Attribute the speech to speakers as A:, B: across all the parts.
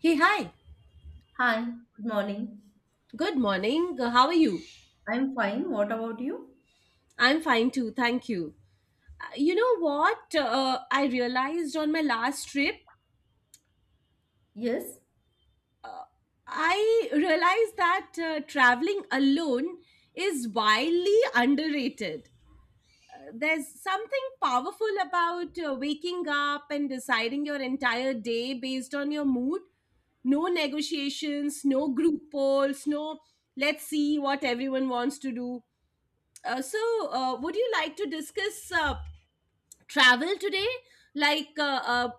A: Hey, hi.
B: Hi, good morning.
A: Good morning. How are you?
B: I'm fine. What about you?
A: I'm fine too. Thank you. You know what? I realized on my last trip,
B: Yes,
A: I realized that traveling alone is wildly underrated. There's something powerful about waking up and deciding your entire day based on your mood, no negotiations, no group polls, no let's see what everyone wants to do. Uh, so, would you like to discuss travel today, like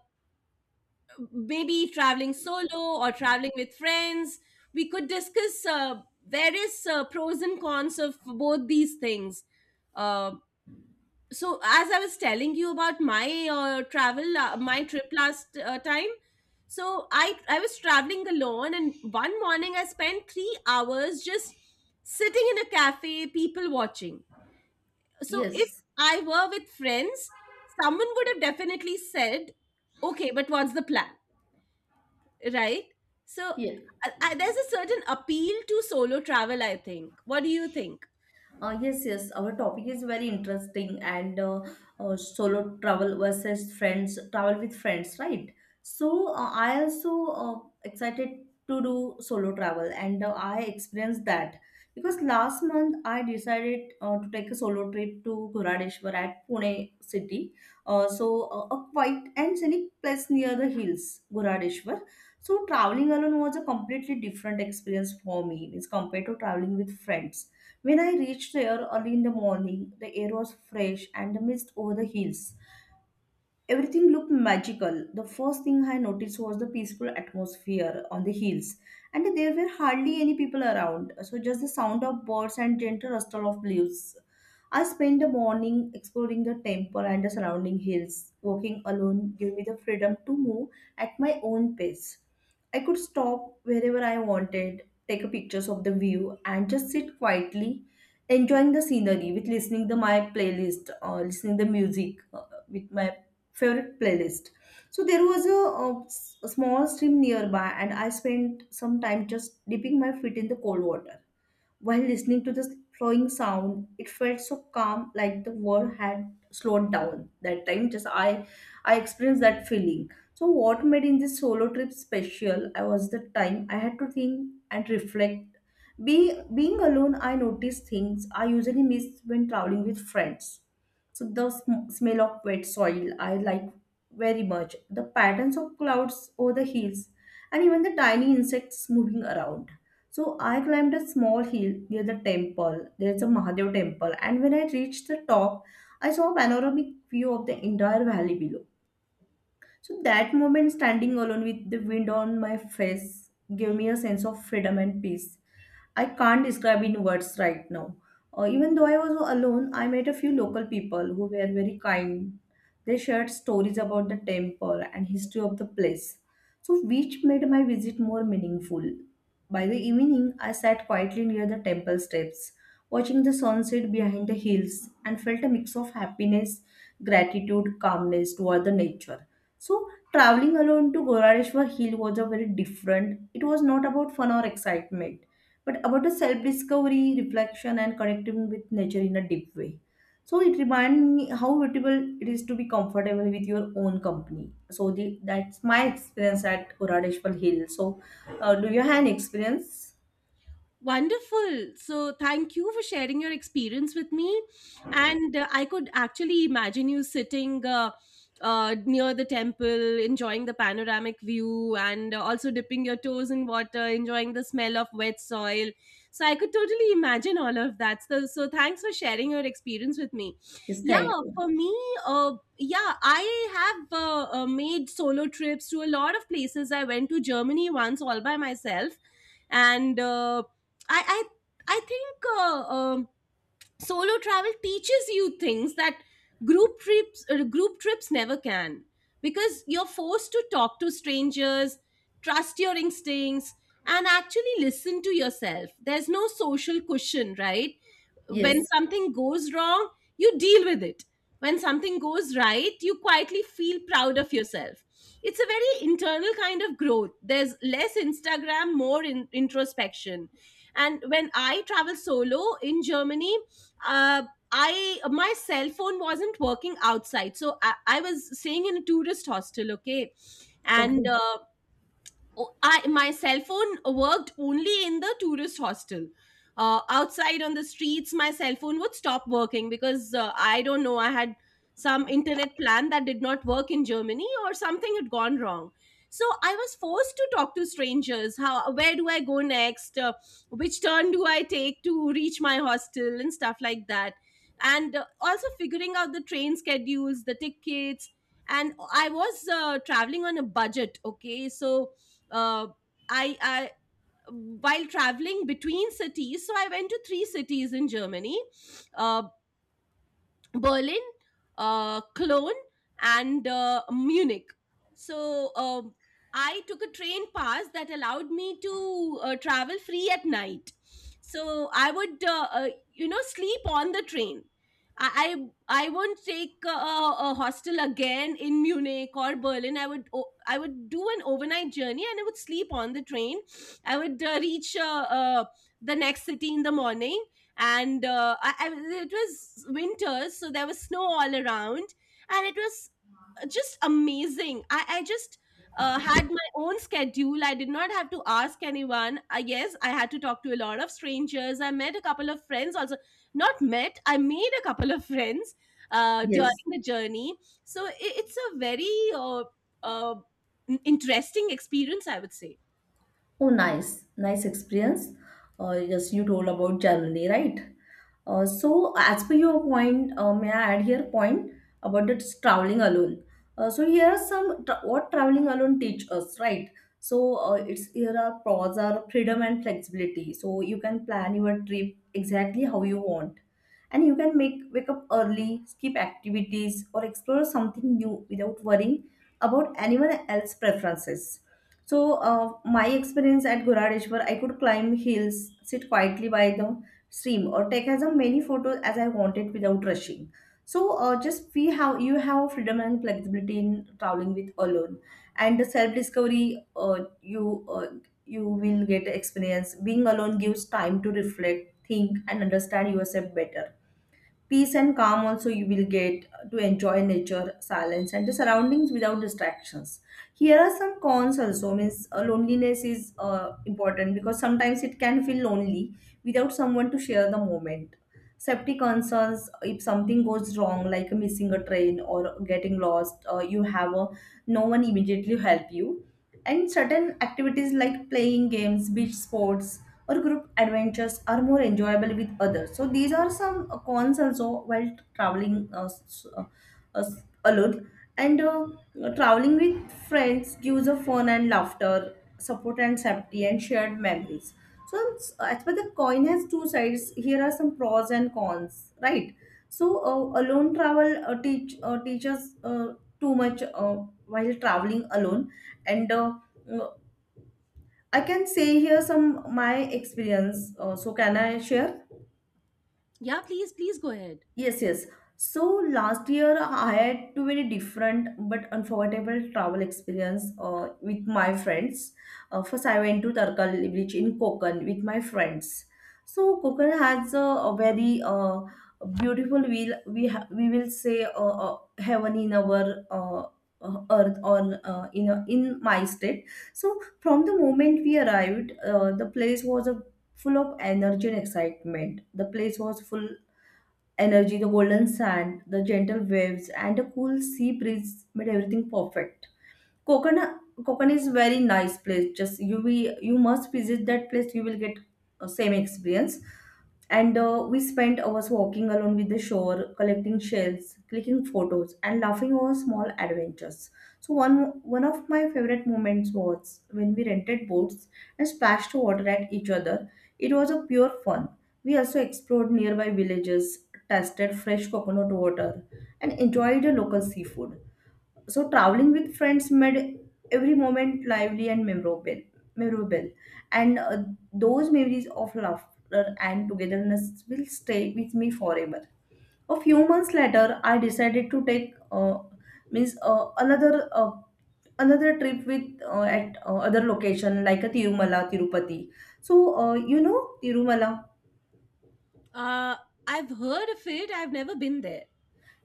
A: maybe traveling solo or traveling with friends? We could discuss various pros and cons of both these things. uh, so as I was telling you about my travel, my trip last time, so I was traveling alone and one morning I spent 3 hours just sitting in a cafe people watching. So if
B: yes,
A: I were with friends, someone would have definitely said, okay, but what's the plan, right? So
B: yeah.
A: there's a certain appeal to solo travel. I think. What do you think?
B: Yes, yes. Our topic is very interesting and solo travel versus friends, travel with friends, right? So I also uh, excited to do solo travel, and I experienced that because last month I decided to take a solo trip to Ghuradeshwar at Pune city. A quiet and scenic place near the hills, Ghuradeshwar. So traveling alone was a completely different experience for me as compared to traveling with friends. When I reached there early in the morning, the air was fresh and the mist over the hills. Everything looked magical. The first thing I noticed was the peaceful atmosphere on the hills, and there were hardly any people around, so just the sound of birds and gentle rustle of leaves. I spent the morning exploring the temple and the surrounding hills. Walking alone gave me the freedom to move at my own pace. I could stop wherever I wanted, take pictures of the view, and just sit quietly, enjoying the scenery with listening to my playlist or listening the music with my favorite playlist. So there was a small stream nearby, and I spent some time just dipping my feet in the cold water. While listening to this flowing sound, it felt so calm, like the world had slowed down that time. I experienced that feeling. So what made in this solo trip special? I was the time I had to think and reflect. Being alone, I noticed things I usually miss when traveling with friends. So the smell of wet soil I like very much. The patterns of clouds over the hills, and even the tiny insects moving around. So I climbed a small hill near the temple. There's a Mahadev temple. And when I reached the top, I saw a panoramic view of the entire valley below. So that moment, standing alone with the wind on my face, gave me a sense of freedom and peace. I can't describe in words right now. Even though I was alone, I met a few local people who were very kind. They shared stories about the temple and history of the place, so which made my visit more meaningful. By the evening, I sat quietly near the temple steps, watching the sunset behind the hills, and felt a mix of happiness, gratitude, calmness toward the nature. So traveling alone to Gorareshwar Hill was a very different. It was not about fun or excitement, but about a self-discovery, reflection, and connecting with nature in a deep way. So it reminded me how valuable it is to be comfortable with your own company. So that's my experience at Gorareshwar Hill. So do you have an experience?
A: Wonderful. So, thank you for sharing your experience with me. And I could actually imagine you sitting near the temple, enjoying the panoramic view, and also dipping your toes in water, enjoying the smell of wet soil. So, I could totally imagine all of that. So, so thanks for sharing your experience with me.
B: Yes,
A: Yeah,
B: thank you.
A: for me, uh, yeah, I have made solo trips to a lot of places. I went to Germany once all by myself. And uh, I I I think solo travel teaches you things that group trips never can, because you're forced to talk to strangers, trust your instincts, and actually listen to yourself. There's no social cushion, right? When
B: Yes.
A: something goes wrong, you deal with it. When something goes right, you quietly feel proud of yourself. It's a very internal kind of growth. There's less Instagram, more introspection. And when I travel solo in Germany, uh, I, my cell phone wasn't working outside, so I was staying in a tourist hostel. Okay, and
B: Okay.
A: I, my cell phone worked only in the tourist hostel. Outside on the streets, my cell phone would stop working because I don't know. I had some internet plan that did not work in Germany, or something had gone wrong. So I was forced to talk to strangers. How? Where do I go next? Which turn do I take to reach my hostel and stuff like that? And also figuring out the train schedules, the tickets, and I was traveling on a budget. Okay, so uh, I while traveling between cities, so I went to three cities in Germany, uh, Berlin, Cologne, and Munich. So I took a train pass that allowed me to travel free at night. So I would, you know, sleep on the train. I I won't take a hostel again in Munich or Berlin. I would I would do an overnight journey and I would sleep on the train. I would reach the next city in the morning. And it was winter, so there was snow all around, and it was just amazing. I just had my own schedule. I did not have to ask anyone. I guess I had to talk to a lot of strangers. I met a couple of friends also. Not met, I made a couple of friends during
B: Yes.
A: the journey. So it's a very uh, uh, interesting experience, I would say.
B: Oh, nice, nice experience. Yes, you told about Germany, right? So, as per your point, may I add here point about the traveling alone. So here are some what traveling alone teach us, right? So it's here are pros are freedom and flexibility. So you can plan your trip exactly how you want, and you can make wake up early, skip activities, or explore something new without worrying about anyone else's preferences. So, my experience at Goradeshwar, I could climb hills, sit quietly by the stream, or take as many photos as I wanted without rushing. So, just we have you have freedom and flexibility in traveling with alone, and the self-discovery. Uh, you uh, you will get experience. Being alone gives time to reflect, think, and understand yourself better. Peace and calm also you will get to enjoy nature silence and the surroundings without distractions. Here are some cons also means loneliness is important because sometimes it can feel lonely without someone to share the moment. Safety concerns if something goes wrong like missing a train or getting lost, you have a, no one immediately help you. And certain activities like playing games, beach sports, or group adventures are more enjoyable with others. So these are some cons also while traveling uh, alone. And traveling with friends gives a fun and laughter, support and safety, and shared memories. So it's as per the coin has two sides, here are some pros and cons, right? So alone travel teaches too much while traveling alone, and I can say here some my experience. So can I share?
A: Yeah, please, please go ahead.
B: Yes, yes. So last year I had too many different but unforgettable travel experience with my friends. First, I went to Tarkal Beach in Konkan with my friends. So Konkan has a very beautiful will we we will say heaven in our earth or in my state. So from the moment we arrived, the place was a full of energy and excitement. The place was full energy, the golden sand, the gentle waves, and a cool sea breeze made everything perfect. Kokana, Kokana is very nice place. Just you must visit that place. You will get same experience. And we spent hours walking along with the shore, collecting shells, clicking photos, and laughing over small adventures. So one of my favorite moments was when we rented boats and splashed water at each other. It was a pure fun. We also explored nearby villages, tasted fresh coconut water, and enjoyed the local seafood. So traveling with friends made every moment lively and memorable. And those memories of laughter and togetherness will stay with me forever. A few months later I decided to take means another another trip with at other location like a Tirumala Tirupati. So you know Tirumala.
A: Uh, I've heard of it. I've never been there.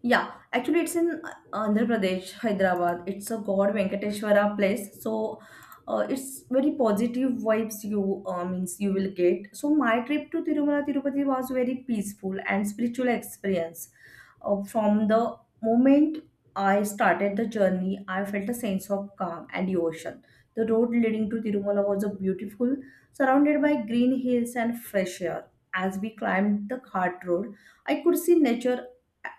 B: Yeah, actually, it's in Andhra Pradesh, Hyderabad. It's a God Venkateshwara place, so it's very positive vibes. You means you will get. So my trip to Tirumala Tirupati was very peaceful and spiritual experience. From the moment I started the journey, I felt a sense of calm and devotion. The road leading to Tirumala was a beautiful, surrounded by green hills and fresh air. As we climbed the cart road, I could see nature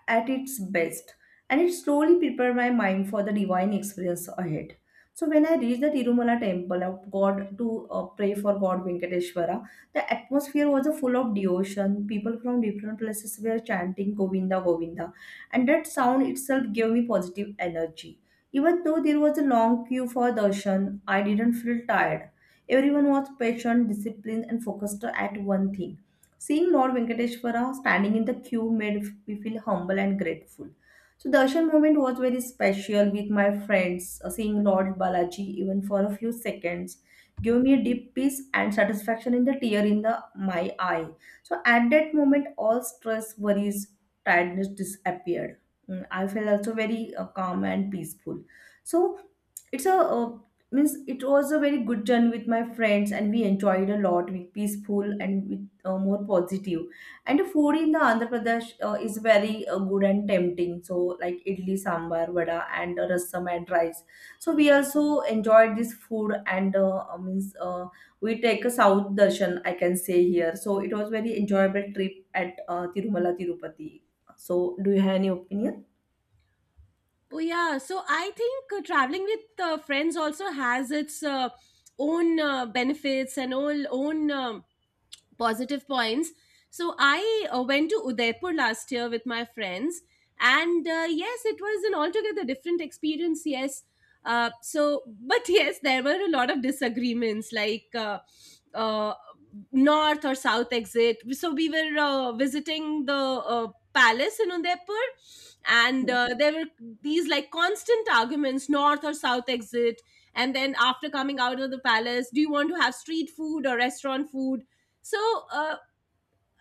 B: at its best, and it slowly prepared my mind for the divine experience ahead. So when I reached the Tirumala temple of god to pray for god Venkateshwara, the atmosphere was full of devotion. People from different places were chanting Govinda Govinda, and that sound itself gave me positive energy. Even though there was a long queue for darshan, I didn't feel tired. Everyone was patient, disciplined, and focused at one thing. Seeing Lord Venkateshwara standing in the queue made me feel humble and grateful. So the Darshan moment was very special with my friends. Seeing Lord Balaji even for a few seconds gave me a deep peace and satisfaction in the tear in the my eye. So at that moment, all stress, worries, tiredness disappeared. Mm, I felt also very calm and peaceful. So it's a uh, it was a very good journey with my friends and we enjoyed a lot with peaceful and more positive. And the food in the Andhra Pradesh is very good and tempting, so like idli sambar vada and rasam and rice. So we also enjoyed this food. And means we take a south darshan I can say here, so it was very enjoyable trip at Tirumala Tirupati. So do you have any opinion?
A: Oh yeah, so I think traveling with friends also has its own benefits and all own positive points. So I went to Udaipur last year with my friends, and yes, it was an altogether different experience. Yes, so but yes, there were a lot of disagreements, like uh, north or south exit. So we were visiting the palace in Udaipur, and there were these like constant arguments, north or south exit. And then after coming out of the palace, do you want to have street food or restaurant food? So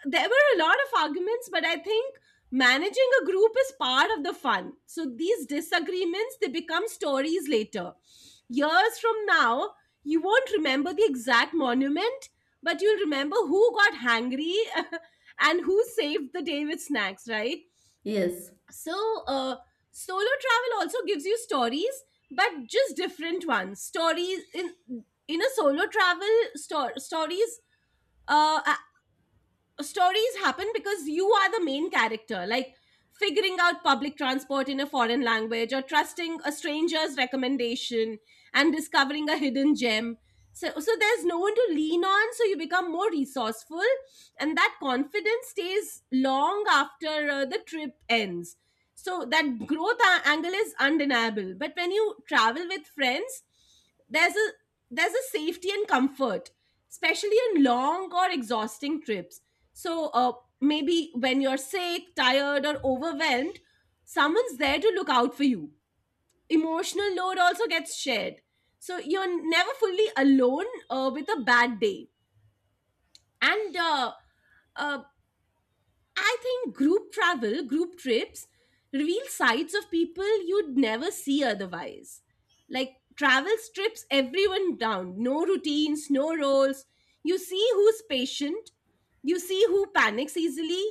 A: there were a lot of arguments, but I think managing a group is part of the fun. So these disagreements, they become stories later. Years from now, you won't remember the exact monument, but you'll remember who got hangry and who saved the day with snacks, right?
B: Yes.
A: So solo travel also gives you stories, but just different ones. Stories in a solo travel sto- stories uh, stories happen because you are the main character, like figuring out public transport in a foreign language, or trusting a stranger's recommendation and discovering a hidden gem. So there's no one to lean on, so you become more resourceful, and that confidence stays long after the trip ends. So that growth angle is undeniable. But when you travel with friends, there's a there's a safety and comfort, especially in long or exhausting trips. So maybe when you're sick, tired, or overwhelmed, someone's there to look out for you. Emotional load also gets shared, so you're never fully alone with a bad day. And uh, I think group travel, group trips reveal sides of people you'd never see otherwise. Like travel strips everyone down. No routines, no roles. You see who's patient, you see who panics easily,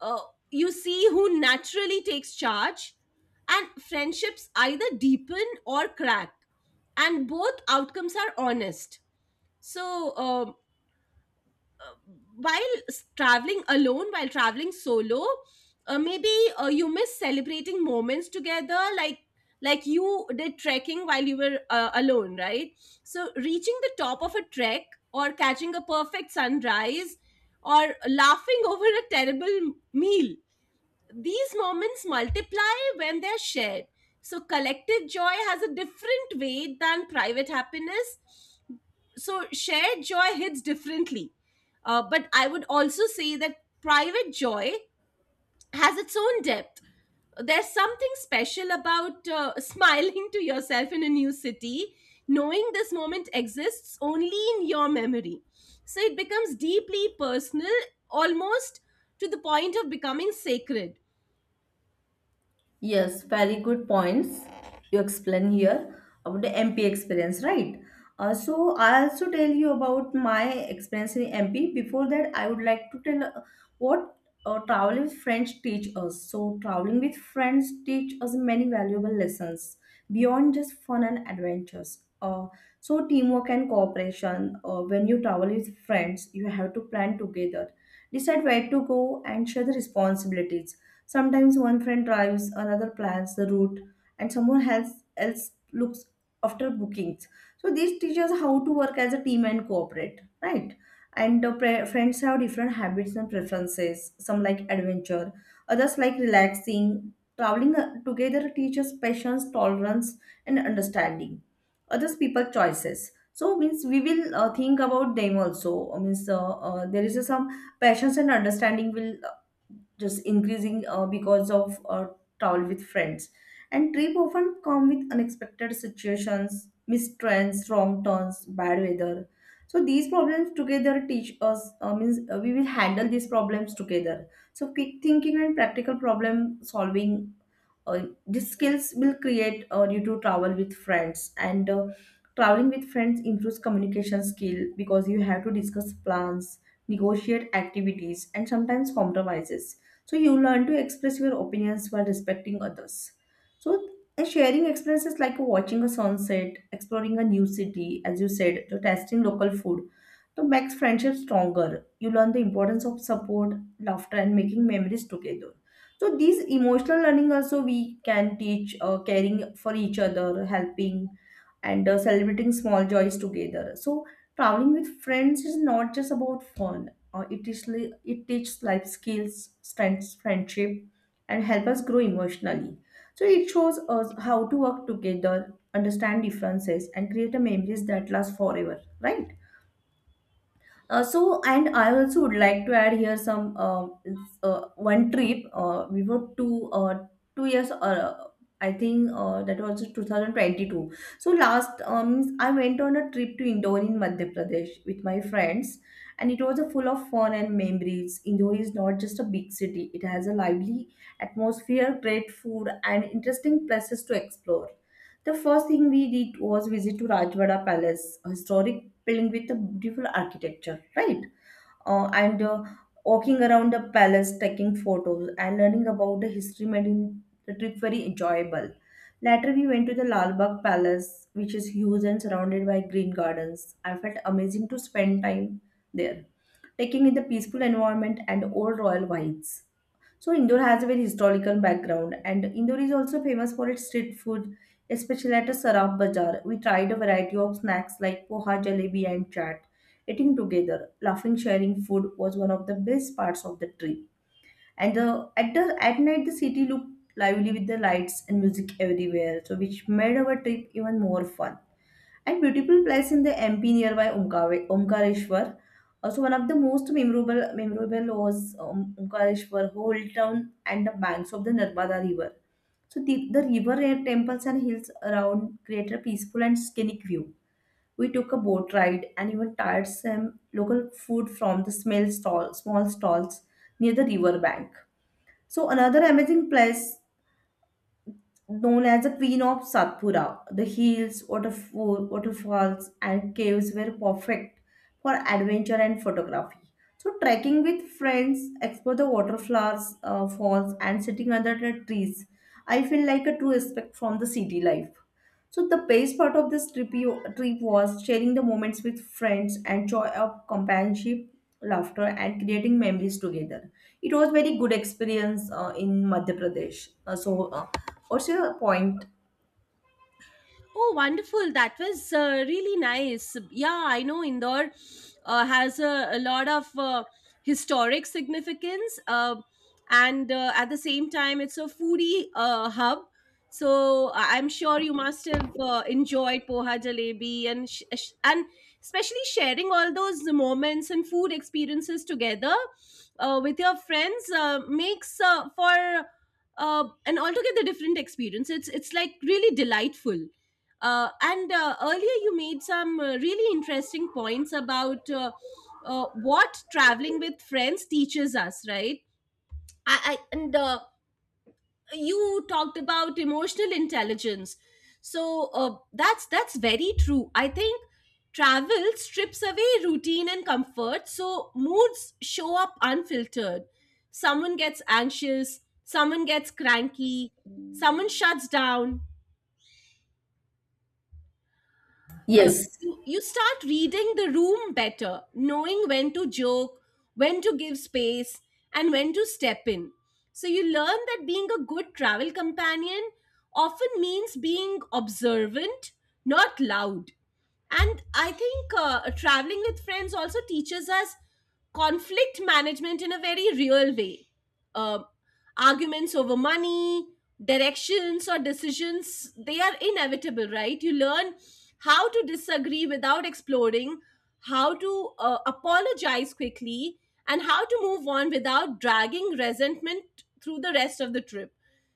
A: uh, you see who naturally takes charge, and friendships either deepen or crack, and both outcomes are honest. So, uh, while traveling alone, while traveling solo, maybe you miss celebrating moments together, like you did trekking while you were alone, right? So reaching the top of a trek, or catching a perfect sunrise, or laughing over a terrible meal, these moments multiply when they're shared. So, collective joy has a different weight than private happiness. So, shared joy hits differently. But I would also say that private joy has its own depth. There's something special about smiling to yourself in a new city, knowing this moment exists only in your memory. So it becomes deeply personal, almost to the point of becoming sacred.
B: Yes, very good points you explain here about the MP experience, right? So I also tell you about my experience in MP. Before that, I would like to tell what traveling with friends teach us. So traveling with friends teach us many valuable lessons beyond just fun and adventures. So teamwork and cooperation. When you travel with friends, you have to plan together, decide where to go, and share the responsibilities. Sometimes one friend drives, another plans the route, and someone else else looks after bookings. So this teaches how to work as a team and cooperate, right? And friends have different habits and preferences. Some like adventure, others like relaxing. Traveling together teaches patience, tolerance, and understanding. Others people choices. So means we will think about them also. Means there is a some passions and understanding will just increasing because of travel with friends. And trip often come with unexpected situations, missed trains, wrong turns, bad weather. So these problems together teach us, means we will handle these problems together. So quick thinking and practical problem solving, these skills will create due to travel with friends. And Traveling with friends improves communication skill because you have to discuss plans, negotiate activities, and sometimes compromises, so you learn to express your opinions while respecting others. So and sharing experiences like watching a sunset, exploring a new city, as you said, to testing local food, to makes friendship stronger. You learn the importance of support, laughter, and making memories together. So these emotional learning also we can teach, caring for each other, helping, and celebrating small joys together. So traveling with friends is not just about fun, it teaches life skills, strengths friendship, and help us grow emotionally. So it shows us how to work together, understand differences, and create a memories that last forever, right? And I also would like to add here some, one trip. We were two, 2 years, I think that was 2022. So last I went on a trip to Indore in Madhya Pradesh with my friends, and it was a full of fun and memories. Indore is not just a big city; it has a lively atmosphere, great food, and interesting places to explore. The first thing we did was visit to Rajwada Palace, a historic building with a beautiful architecture, right? And Walking around the palace, taking photos, and learning about the history made in the trip very enjoyable. Later, we went to the Lal Bagh Palace, which is huge and surrounded by green gardens. I felt amazing to spend time there, taking in the peaceful environment and old royal vibes. So Indore has a very historical background, and Indore is also famous for its street food, especially at a Saraf Bazaar. We tried a variety of snacks like poha, jalebi, and chaat. Eating together, laughing, sharing food was one of the best parts of the trip. And the at night, the city looked lively with the lights and music everywhere, so which made our trip even more fun, and beautiful place in the MP nearby Omkareshwar. Also, one of the most memorable was Omkareshwar, whole town and the banks of the Narmada River. So the river and temples and hills around create a peaceful and scenic view. We took a boat ride and even tried some local food from the small stalls near the river bank. So another amazing place known as the Queen of Satpura. The hills, waterfalls, and caves were perfect for adventure and photography. So, trekking with friends, explore the waterfalls, falls, and sitting under the trees. I feel like a true escape from the city life. So the best part of this trip was sharing the moments with friends and joy of companionship, laughter, and creating memories together. It was very good experience in Madhya Pradesh. What's your point?
A: Oh, wonderful. That was really nice. Yeah, I know Indore has a lot of historic significance. And at the same time, it's a foodie hub. So I'm sure you must have enjoyed poha jalebi and and especially sharing all those moments and food experiences together with your friends makes for an altogether different experience. It's like really delightful. And earlier, you made some really interesting points about what traveling with friends teaches us, right? I, and You talked about emotional intelligence. So uh, that's very true. I think travel strips away routine and comfort, so moods show up unfiltered. Someone gets anxious, someone gets cranky, someone shuts down, uh,
B: Yes,
A: you start reading the room better, knowing when to joke, when to give space, and when to step in. So you learn that being a good travel companion often means being observant, not loud. And I think traveling with friends also teaches us conflict management in a very real way. Um Arguments over money, directions, or decisions, they are inevitable, right? You learn how to disagree without exploding, how to apologize quickly, and how to move on without dragging resentment through the rest of the trip.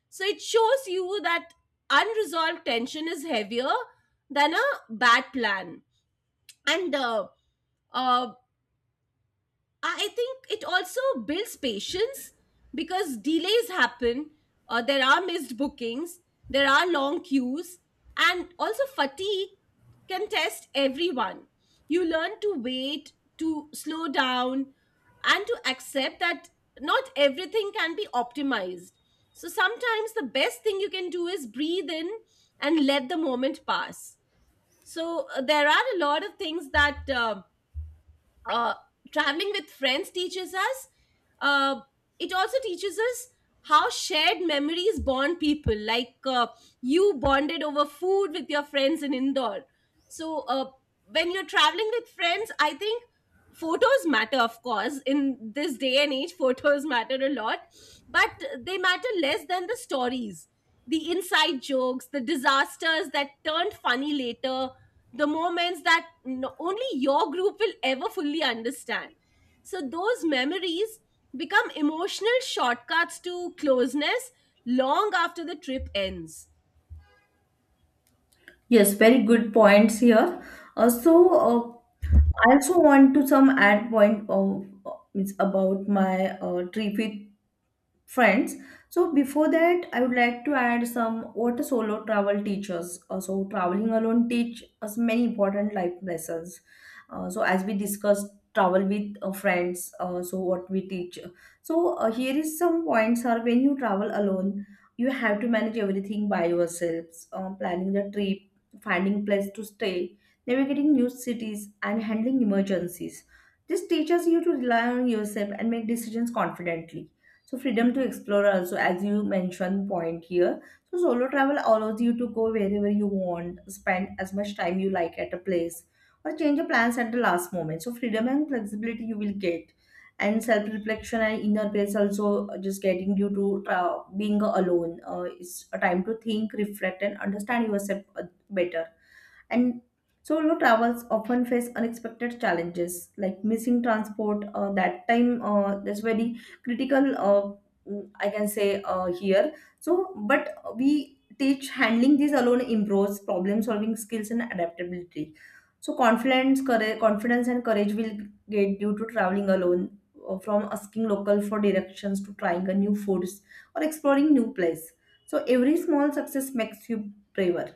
A: So it shows you that unresolved tension is heavier than a bad plan. And uh, I think it also builds patience because delays happen, there are missed bookings, there are long queues, and also fatigue can test everyone. You learn to wait, to slow down, and to accept that not everything can be optimized. So sometimes the best thing you can do is breathe in and let the moment pass. So there are a lot of things that. Uh, Traveling with friends teaches us, uh, it also teaches us how shared memories bond people, like you bonded over food with your friends in Indore. So when you're traveling with friends, I think photos matter, of course, in this day and age, photos matter a lot, but they matter less than the stories, the inside jokes, the disasters that turned funny later, the moments that only your group will ever fully understand. So, those memories become emotional shortcuts to closeness long after the trip ends.
B: yes, very good points here. Uh, so, uh, I also want to some add point of, it's about my trip with friends. So before that, I would like to add some what a solo travel teaches. So traveling alone teach us many important life lessons. So as we discussed, travel with friends, so what we teach. So here is some points are when you travel alone, you have to manage everything by yourselves, planning the trip, finding place to stay, navigating new cities, and handling emergencies. This teaches you to rely on yourself and make decisions confidently. So freedom to explore also, as you mentioned point here. So solo travel allows you to go wherever you want, spend as much time you like at a place, or change your plans at the last moment. So freedom and flexibility you will get. And self-reflection and inner peace also, just getting you to being alone, it's a time to think, reflect, and understand yourself better. And solo travels often face unexpected challenges like missing transport. That time, that's very critical. I can say here. So, but we teach handling these alone improves problem solving skills and adaptability. So confidence and courage will get due to traveling alone, from asking local for directions to trying a new foods or exploring new place. So every small success makes you braver,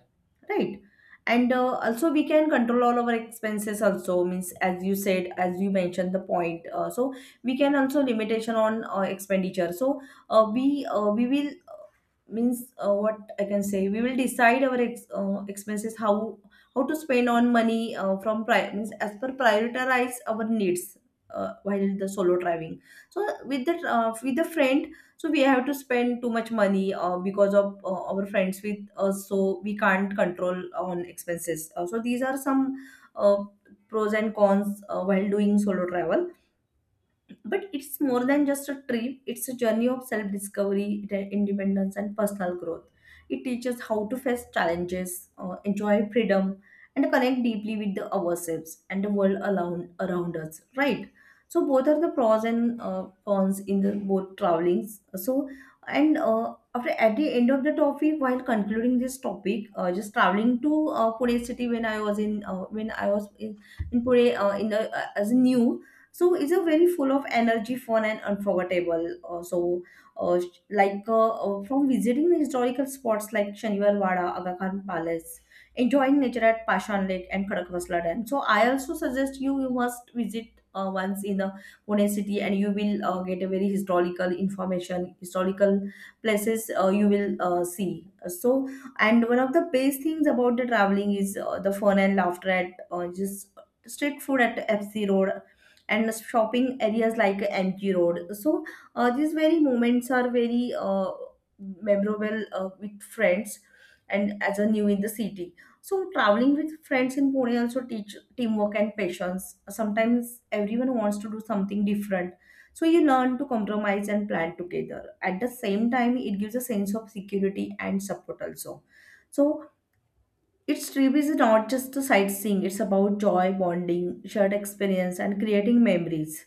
B: right? And also we can control all our expenses also, means, as you said, as you mentioned the point. So we can also limitation on expenditure. So, we will, means, what I can say, we will decide our expenses, how to spend on money, means as per prioritize our needs while the solo driving. So with the, with the friend, so we have to spend too much money, because of our friends with us, so we can't control on expenses. So these are some uh, pros and cons while doing solo travel. But it's more than just a trip, it's a journey of self discovery, independence, and personal growth. It teaches how to face challenges, enjoy freedom, and connect deeply with the ourselves and the world around us, right? So, both are the pros and cons in the both travelings. So, and after at the end of the topic, while concluding this topic, just traveling to Pune city when I was in, in Pune, in the as new. So it's a very full of energy, fun, and unforgettable. From visiting historical spots like Shaniwar Wada, Aga Khan Palace, enjoying nature at Pashan Lake and Khadakvasla Dam. So I also suggest you you must visit once in the Pune city, and you will get a very historical information, historical places you will see. So, and one of the best things about the traveling is the fun and laughter at, just street food at FC Road and shopping areas like MG Road. So these very moments are very memorable with friends and as a new in the city. So traveling with friends in Pune also teach teamwork and patience. Sometimes everyone wants to do something different. So you learn to compromise and plan together. At the same time, it gives a sense of security and support also. So its trip is not just a sightseeing, it's about joy, bonding, shared experience, and creating memories.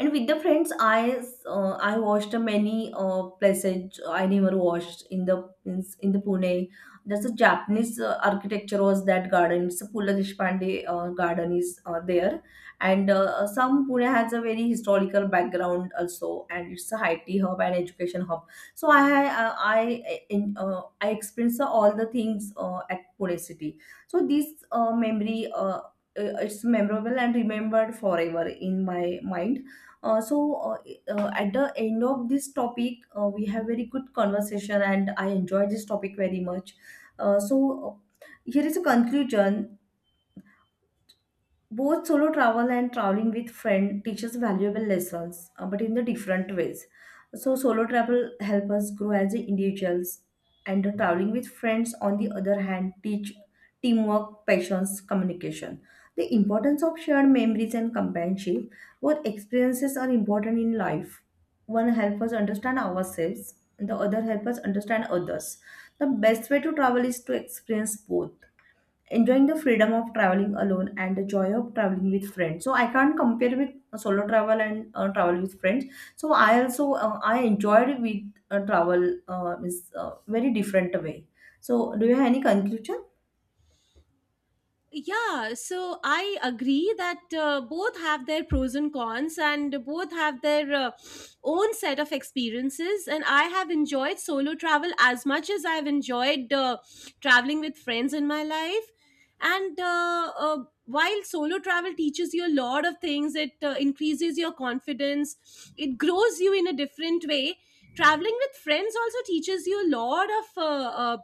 B: And with the friends, I watched many places I never watched in the, in the Pune. There's a Japanese architecture was that garden. It's a Pula Deshpande garden is there, and some Pune has a very historical background also, and it's a IT hub and education hub. So I experienced all the things at Pune city. So this memory. It's memorable and remembered forever in my mind. uh, so uh, at the end of this topic, we have very good conversation, and I enjoy this topic very much. Uh, so Here is a conclusion. Both solo travel and traveling with friend teaches valuable lessons, but in the different ways. So solo travel help us grow as individuals, and the traveling with friends, on the other hand, teach teamwork, patience, communication. The importance of shared memories and companionship. Both experiences are important in life. One helps us understand ourselves, and the other helps us understand others. The best way to travel is to experience both, enjoying the freedom of traveling alone and the joy of traveling with friends. So I can't compare with solo travel and travel with friends. So I also, I enjoyed with travel is very different way. So do you have any conclusion?
A: Yeah, so I agree that both have their pros and cons, and both have their own set of experiences. And I have enjoyed solo travel as much as I've enjoyed traveling with friends in my life. And while solo travel teaches you a lot of things, it increases your confidence, it grows you in a different way. Traveling with friends also teaches you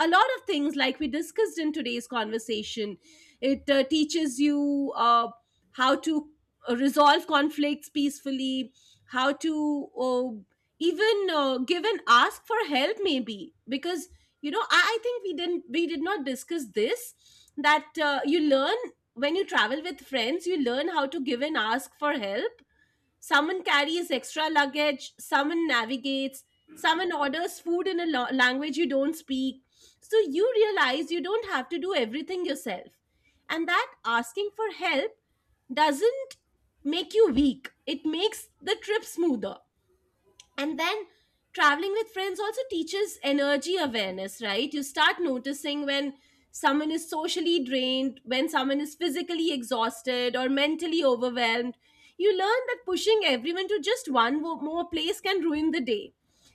A: a lot of things, like we discussed in today's conversation. It teaches you how to resolve conflicts peacefully, how to even give and ask for help, maybe. Because you know, I think we didn't, we did not discuss this, that you learn, when you travel with friends, you learn how to give and ask for help. Someone carries extra luggage, someone navigates, someone orders food in a language you don't speak. So you realize you don't have to do everything yourself. And that asking for help doesn't make you weak, it makes the trip smoother. And then traveling with friends also teaches energy awareness, right? You start noticing when someone is socially drained, when someone is physically exhausted or mentally overwhelmed. You learn that pushing everyone to just one more place can ruin the day.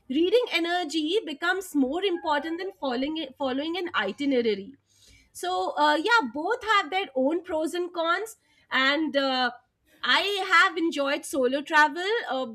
A: Reading energy becomes more important than following an itinerary. So yeah, both have their own pros and cons, and I have enjoyed solo travel.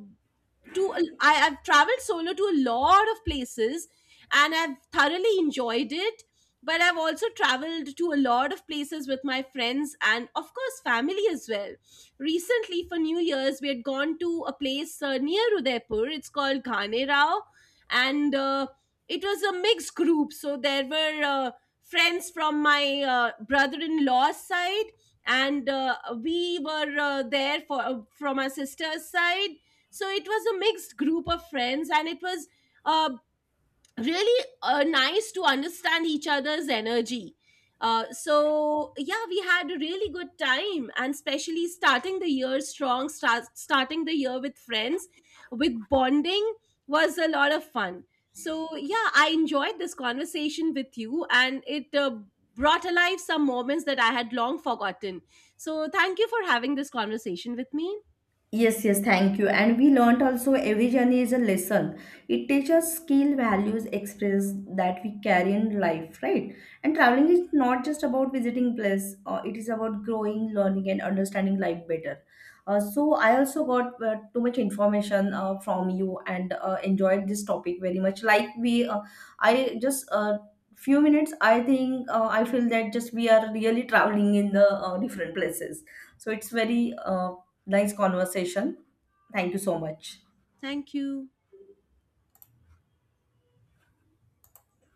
A: to I've traveled solo to a lot of places and I've thoroughly enjoyed it. But I've also traveled to a lot of places with my friends and, of course, family as well. Recently, for New Year's, we had gone to a place near Udaipur. It's called Ghane Rao. And it was a mixed group. So there were friends from my brother in law's side, and we were there for, from my sister's side. So it was a mixed group of friends and it was uh, really nice to understand each other's energy. So yeah, we had a really good time, and especially starting the year strong, starting the year with friends, with bonding, was a lot of fun. So yeah, I enjoyed this conversation with you, and it brought alive some moments that I had long forgotten. So thank you for having this conversation with me.
B: Yes, yes, thank you. And we learnt also every journey is a lesson. It teaches skill, values, experience that we carry in life, right? And traveling is not just about visiting place. It is about growing, learning, and understanding life better. So I also got too much information from you and enjoyed this topic very much. Like we, I just few minutes. I think I feel that just we are really traveling in the different places. So it's very nice conversation. Thank you so much.
A: Thank you.